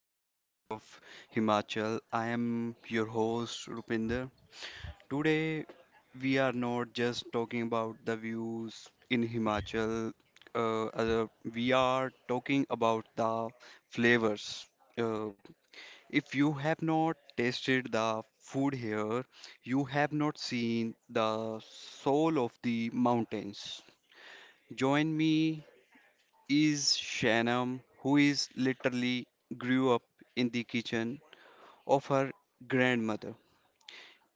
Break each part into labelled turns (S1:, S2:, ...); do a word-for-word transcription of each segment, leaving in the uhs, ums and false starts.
S1: to the beauty of Himachal. I am your host Rupinder. Today we are not just talking about the views in Himachal. Uh, other- we are talking about the flavors. Uh, if you have not tasted the food here, you have not seen the soul of the mountains. Join me is Shanam, who is literally grew up in the kitchen of her grandmother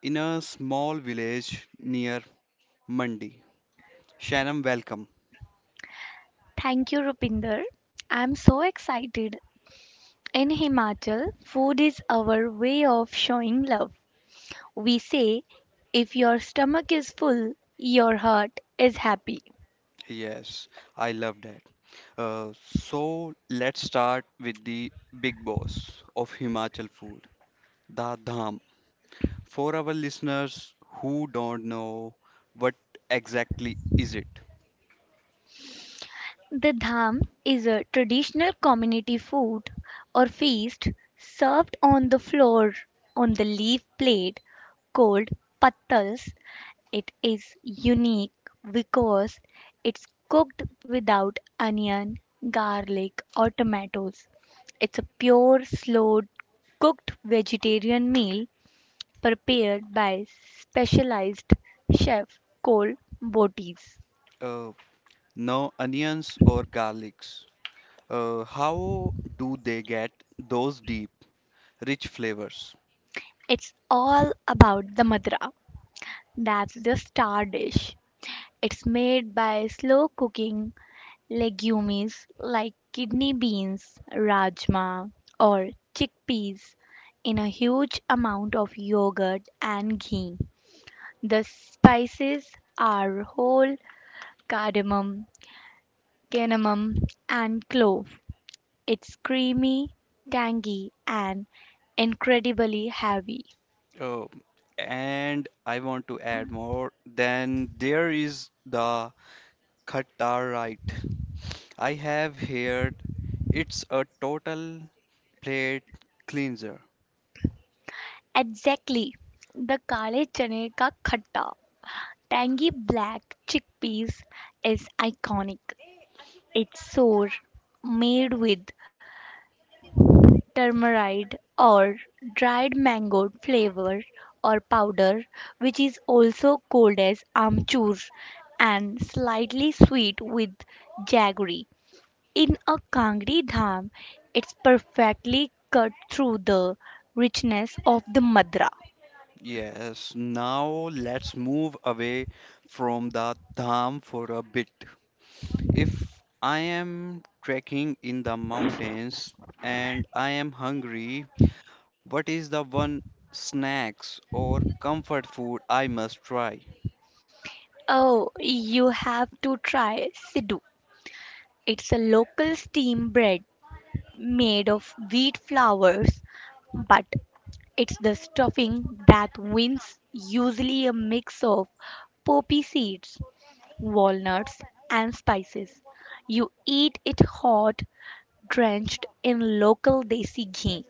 S1: in a small village near Mandi. Shanam, welcome.
S2: Thank you, Rupinder. I'm so excited. In Himachal, food is our way of showing love. We say, if your stomach is full, your heart is happy.
S1: Yes, I love that. Uh, so let's start with the big boss of Himachal food, the dham. For our listeners who don't know, what exactly is it?
S2: The dham is a traditional community food or feast served on the floor on the leaf plate called pattals. It is unique because it's cooked without onion, garlic, or tomatoes. It's a pure, slow cooked vegetarian meal prepared by specialized chef called botis.
S1: Uh, no onions or garlics, Uh, how do they get those deep, rich flavors?
S2: It's all about the madra. That's the star dish. It's made by slow cooking legumes like kidney beans, rajma, or chickpeas in a huge amount of yogurt and ghee. The spices are whole cardamom, cinnamon, and clove. It's creamy, tangy, and incredibly heavy.
S1: Uh, and I want to add more. Then there is the Khatarite. I have heard it's a total plate cleanser.
S2: Exactly. The kale chane ka khatta, tangy black chickpeas, is iconic. It's sour, made with turmeric or dried mango flavor or powder, which is also called as amchur, and slightly sweet with jaggery. In a Kangri dham, it's perfectly cut through the richness of the madra.
S1: Yes, now let's move away from the dham for a bit. If I am trekking in the mountains and I am hungry, what is the one snacks or comfort food I must try?
S2: Oh, you have to try siddu. It's a local steam bread made of wheat flours, but it's the stuffing that wins, usually a mix of poppy seeds, walnuts, and spices. You eat it hot, drenched in local desi ghee.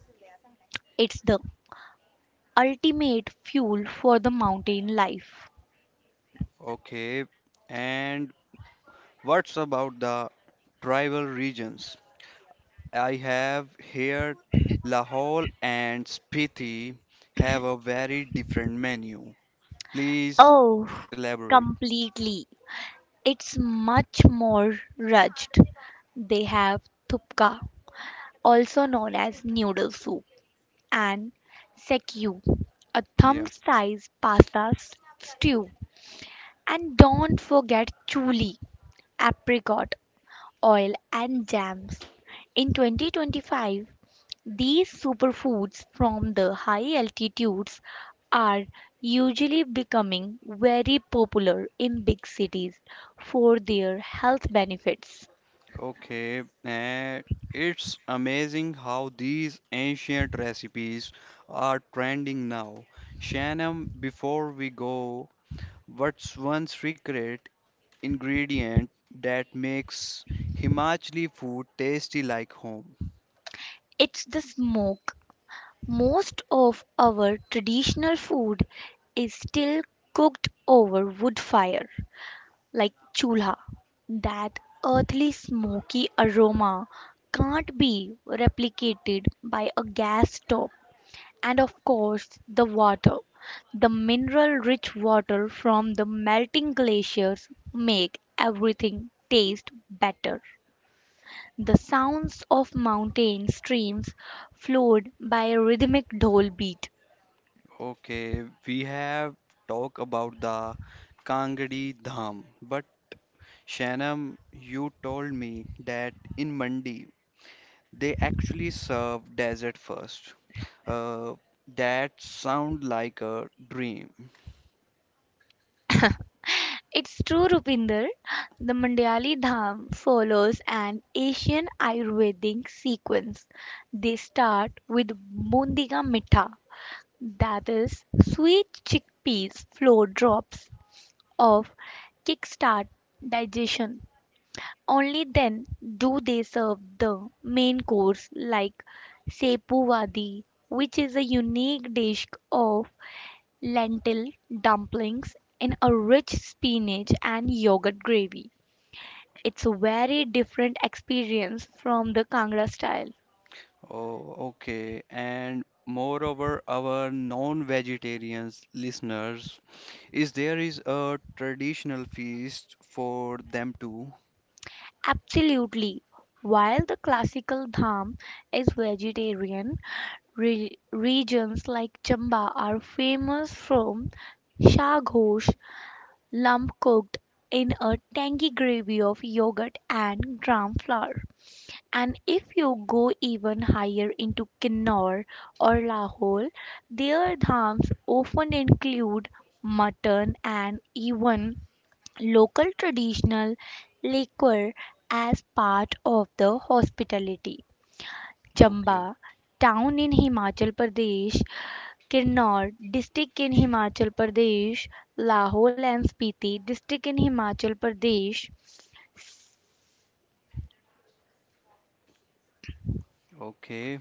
S2: It's the ultimate fuel for the mountain life.
S1: Okay, and what's about the tribal regions? I have here Lahore and Spiti have a very different menu. Please
S2: Oh,
S1: elaborate.
S2: completely. It's much more rudged. They have thupka, also known as noodle soup, and sekiu, a
S1: Yeah,
S2: thumb-sized pasta s- stew. And don't forget chuli, apricot oil and jams. In twenty twenty-five, these superfoods from the high altitudes are usually becoming very popular in big cities for their health benefits.
S1: okay, and it's amazing how these ancient recipes are trending now. Shannon, before we go, what's one secret ingredient that makes Himachali food tasty like home.
S2: It's the smoke. Most of our traditional food is still cooked over wood fire, like chulha. That earthly smoky aroma can't be replicated by a gas stove. And of course, the water. The mineral rich water from the melting glaciers make everything taste better. The sounds of mountain streams flowed by a rhythmic dhol beat.
S1: Okay, we have talked about the Kangadi Dham, but Shanam, you told me that in Mandi they actually serve dessert first. Uh, that sound like a dream.
S2: It's true, Rupinder. The Mandyali Dham follows an Asian Ayurvedic sequence. They start with Bundiga Mitha, that is, sweet chickpeas flour drops of kickstart digestion. Only then do they serve the main course like Sepu Wadi, which is a unique dish of lentil dumplings in a rich spinach and yogurt gravy. It's a very different experience from the Kangra style.
S1: Oh, okay. And moreover, our non-vegetarians listeners, is there is a traditional feast for them too?
S2: Absolutely. While the classical dham is vegetarian, re- regions like Chamba are famous for shaghosh, lump cooked in a tangy gravy of yogurt and gram flour. And if you go even higher into Kinnaur or Lahore, their dhams often include mutton and even local traditional liquor as part of the hospitality.
S1: Okay,
S2: Chamba, town in Himachal Pradesh, Kinnaur district in Himachal Pradesh, Lahol and Spiti district in Himachal Pradesh.
S1: okay.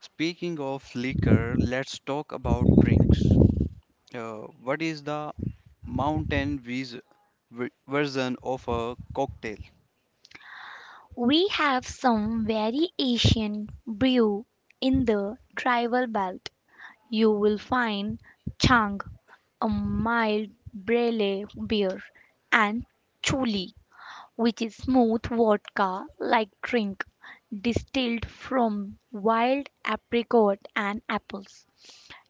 S1: Speaking of liquor, let's talk about drinks. Uh, what is the mountain vis v- version of a cocktail?
S2: We have some very Asian brew in the tribal belt. You will find Chang, a mild brele beer, and Chuli, which is smooth vodka like drink distilled from wild apricot and apples.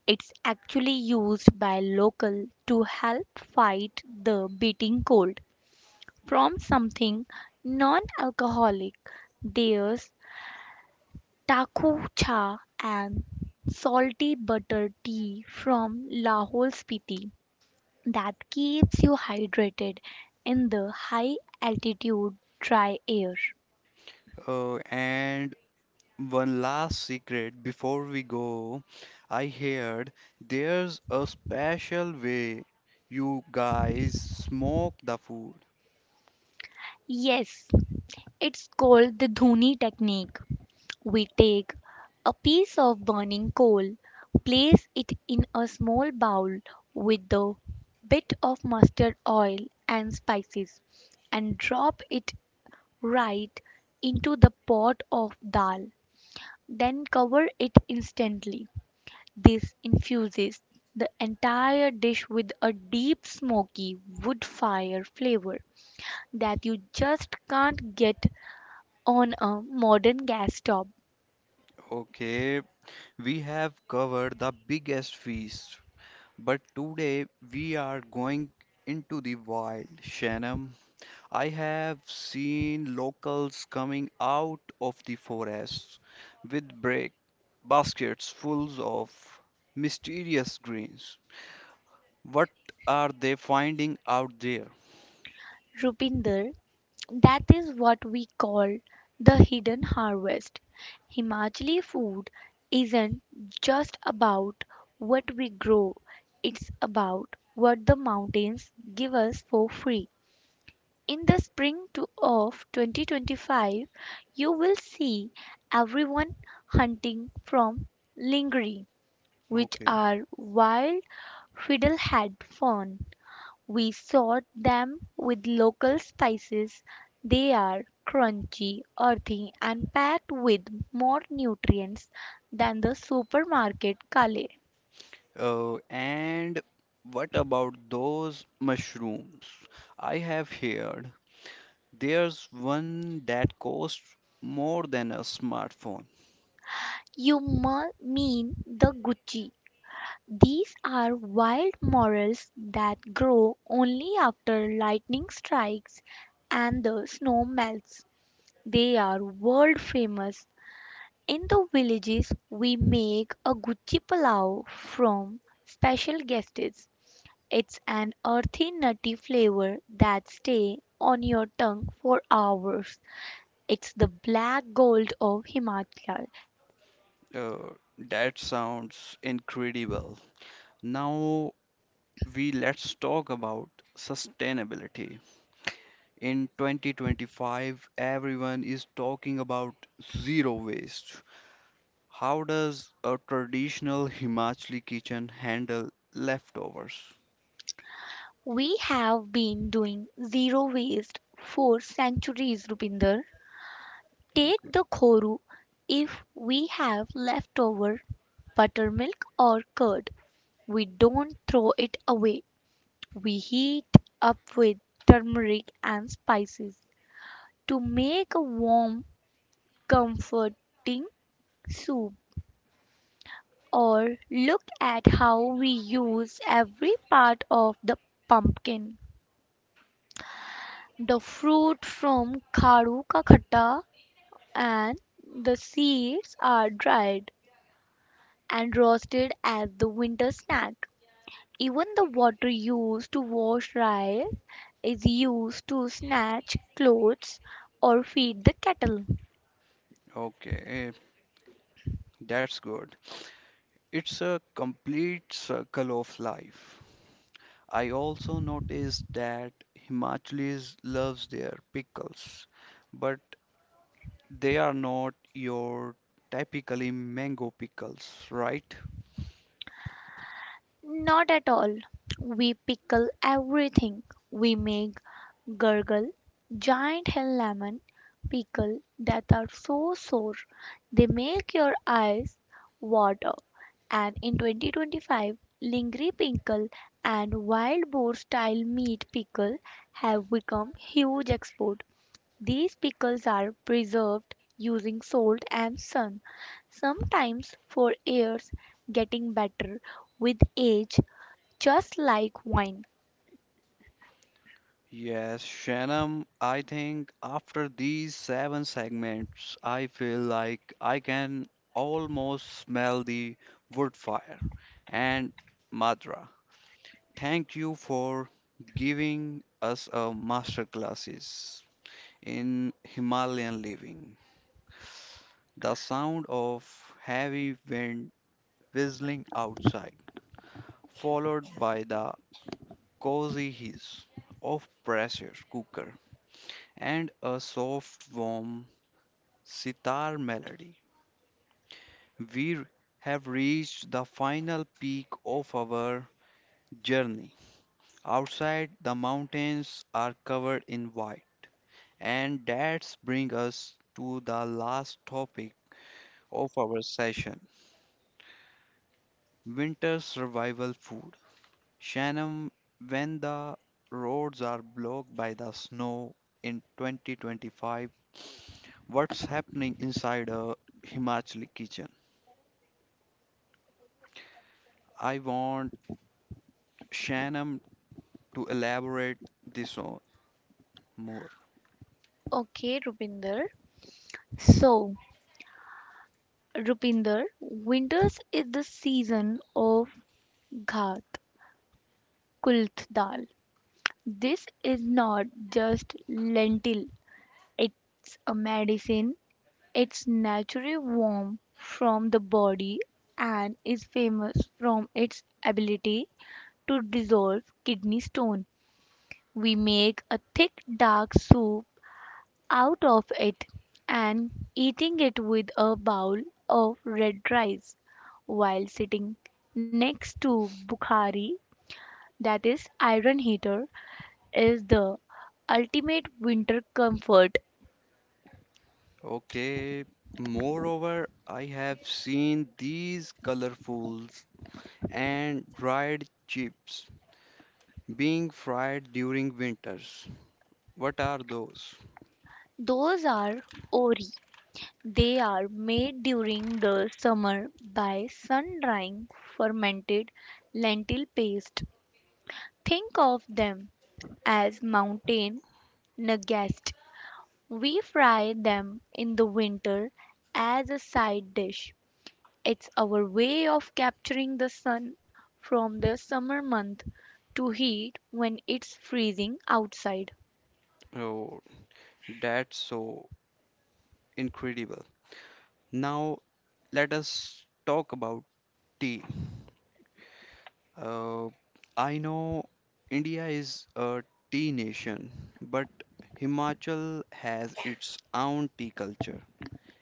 S2: It's actually used by locals to help fight the biting cold. From something non-alcoholic, there's taku cha and salty butter tea from Lahore Spiti that keeps you hydrated in the high altitude dry air.
S1: Uh, and one last secret before we go, I heard there's a special way you guys smoke the food.
S2: Yes, it's called the Dhuni technique. We take a piece of burning coal, place it in a small bowl with a bit of mustard oil and spices, and drop it right into the pot of dal. Then cover it instantly. This infuses the entire dish with a deep smoky wood fire flavor that you just can't get on a modern gas stop.
S1: Okay, we have covered the biggest feast, but today we are going into the wild, Shanam. I have seen locals coming out of the forests with break baskets full of mysterious greens. What are they finding out there?
S2: Rupinder, that is what we call the hidden harvest. Himachali food isn't just about what we grow, it's about what the mountains give us for free. In the spring to of twenty twenty-five, you will see everyone hunting from lingri, which
S1: Okay.
S2: are wild fiddlehead fern. We sort them with local spices. They are crunchy, earthy, and packed with more nutrients than the supermarket kale.
S1: Uh, and what about those mushrooms? I have heard there's one that costs more than a smartphone.
S2: You mu- mean the Gucci. These are wild morels that grow only after lightning strikes and the snow melts. They are world famous. In the villages, we make a Gucci Palau from special guests. It's an earthy, nutty flavor that stays on your tongue for hours. It's the black gold of Himachal.
S1: Uh, that sounds incredible. Now we let's talk about sustainability. In twenty twenty-five, everyone is talking about zero waste. How does a traditional Himachali kitchen handle leftovers?
S2: We have been doing zero waste for centuries, Rupinder. Take
S1: Okay.
S2: the khoru, if we have leftover buttermilk or curd. We don't throw it away. We heat up with turmeric and spices to make a warm, comforting soup. Or look at how we use every part of the pumpkin, the fruit from kharu ka khatta, and the seeds are dried and roasted as the winter snack. Even the water used to wash rice is used to snatch clothes or feed the cattle.
S1: Okay, that's good. It's a complete circle of life. I also noticed that Himachalis loves their pickles, but they are not your typically mango pickles, right?
S2: Not at all. We pickle everything. We make gurgle, giant hell lemon pickle that are so sour they make your eyes water. And in twenty twenty-five, lingry pickle and wild boar style meat pickle have become huge export. These pickles are preserved using salt and sun, sometimes for years, getting better with age, just like wine.
S1: Yes, Shannon, I think after these seven segments, I feel like I can almost smell the wood fire. And Madra, thank you for giving us a masterclasses in Himalayan living. The sound of heavy wind whistling outside, followed by the cozy hiss of pressure cooker and a soft warm sitar melody. We have reached the final peak of our journey. Outside the mountains are covered in white and that brings us to the last topic of our session winter survival food. Shannon, when the roads are blocked by the snow in twenty twenty-five, what's happening inside a Himachali kitchen? I want Shanam to elaborate this on more.
S2: Okay, Rupinder. So, Rupinder, winters is the season of Ghat Kulth Dal. This is not just lentil, it's a medicine. It's naturally warm from the body and is famous from its ability to dissolve kidney stone. We make a thick dark soup out of it and eating it with a bowl of red rice while sitting next to Bukhari, that is iron heater, is the ultimate winter comfort.
S1: Okay. Moreover, I have seen these colorfuls and dried chips being fried during winters. What are those?
S2: Those are ori. They are made during the summer by sun drying fermented lentil paste. Think of them as mountain nugget. We fry them in the winter as a side dish. It's our way of capturing the sun from the summer month to heat when it's freezing outside.
S1: Oh, that's so incredible. Now let us talk about tea. Uh, I know India is a tea nation, but Himachal has its own tea culture,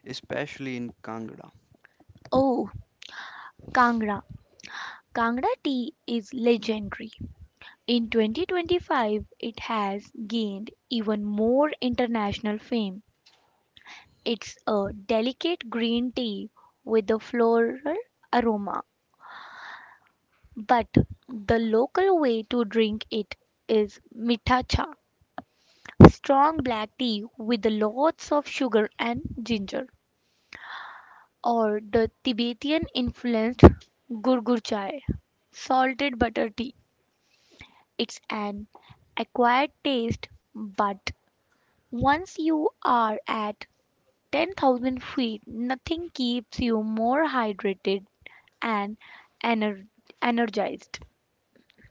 S1: especially in Kangra.
S2: Oh, Kangra. Kangra tea is legendary. In twenty twenty-five, it has gained even more international fame. It's a delicate green tea with a floral aroma. But the local way to drink it is "mitha cha," strong black tea with lots of sugar and ginger, or the Tibetan influenced "gurgur chai," salted butter tea. It's an acquired taste, but once you are at ten thousand feet nothing keeps you more hydrated and ener- energized.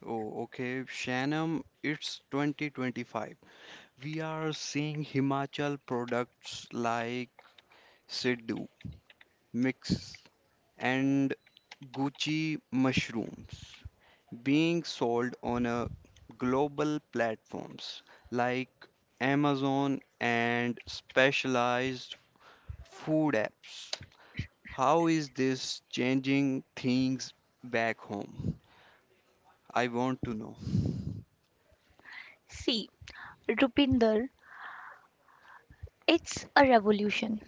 S1: Oh, okay, Shanam, it's twenty twenty-five. We are seeing Himachal products like Sidhu mix and Gucci mushrooms. Being sold on a global platforms like Amazon and specialized food apps. How is this changing things back home? I want to know.
S2: See, Rupinder, it's a revolution.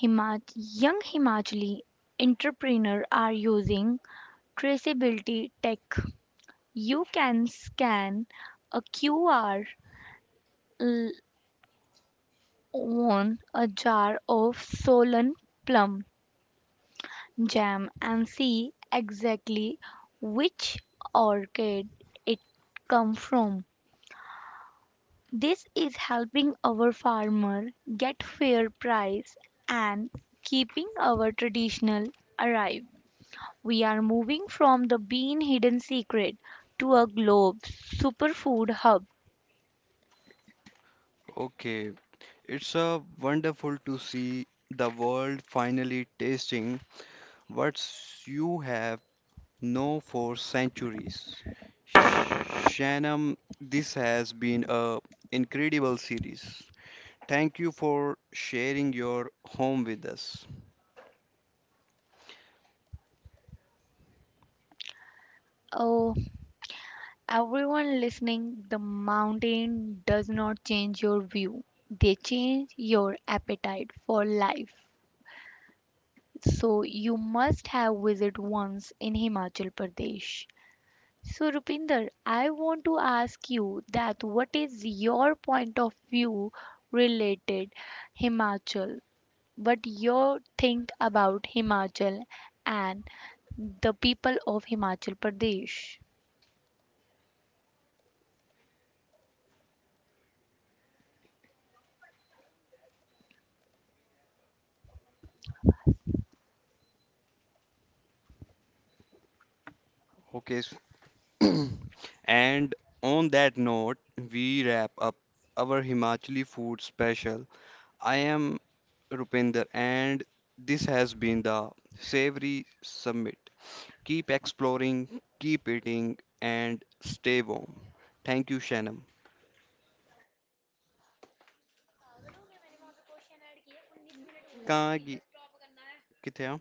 S2: Himach- young Himachali entrepreneurs are using traceability tech. You can scan a Q R on a jar of Solan plum jam and see exactly which orchid it come from. This is helping our farmer get fair price and keeping our traditional alive. We are moving from the bean hidden secret to a globe superfood hub.
S1: Okay, it's a wonderful to see the world finally tasting what you have known for centuries. Sh- Shanam, this has been a incredible series. Thank you for sharing your home with us.
S2: Oh, everyone listening, the mountain does not change your view. They change your appetite for life. So you must have visit once in Himachal Pradesh. So Rupinder, I want to ask you that what is your point of view related Himachal? But you think about Himachal and the people of Himachal Pradesh.
S1: Okay. s- And on that note, we wrap up our Himachali food special. I am Rupinder, and this has been the Savory Summit. Keep exploring, keep eating, and stay warm. Thank you, Shanam. कहाँ गई- किथे आ?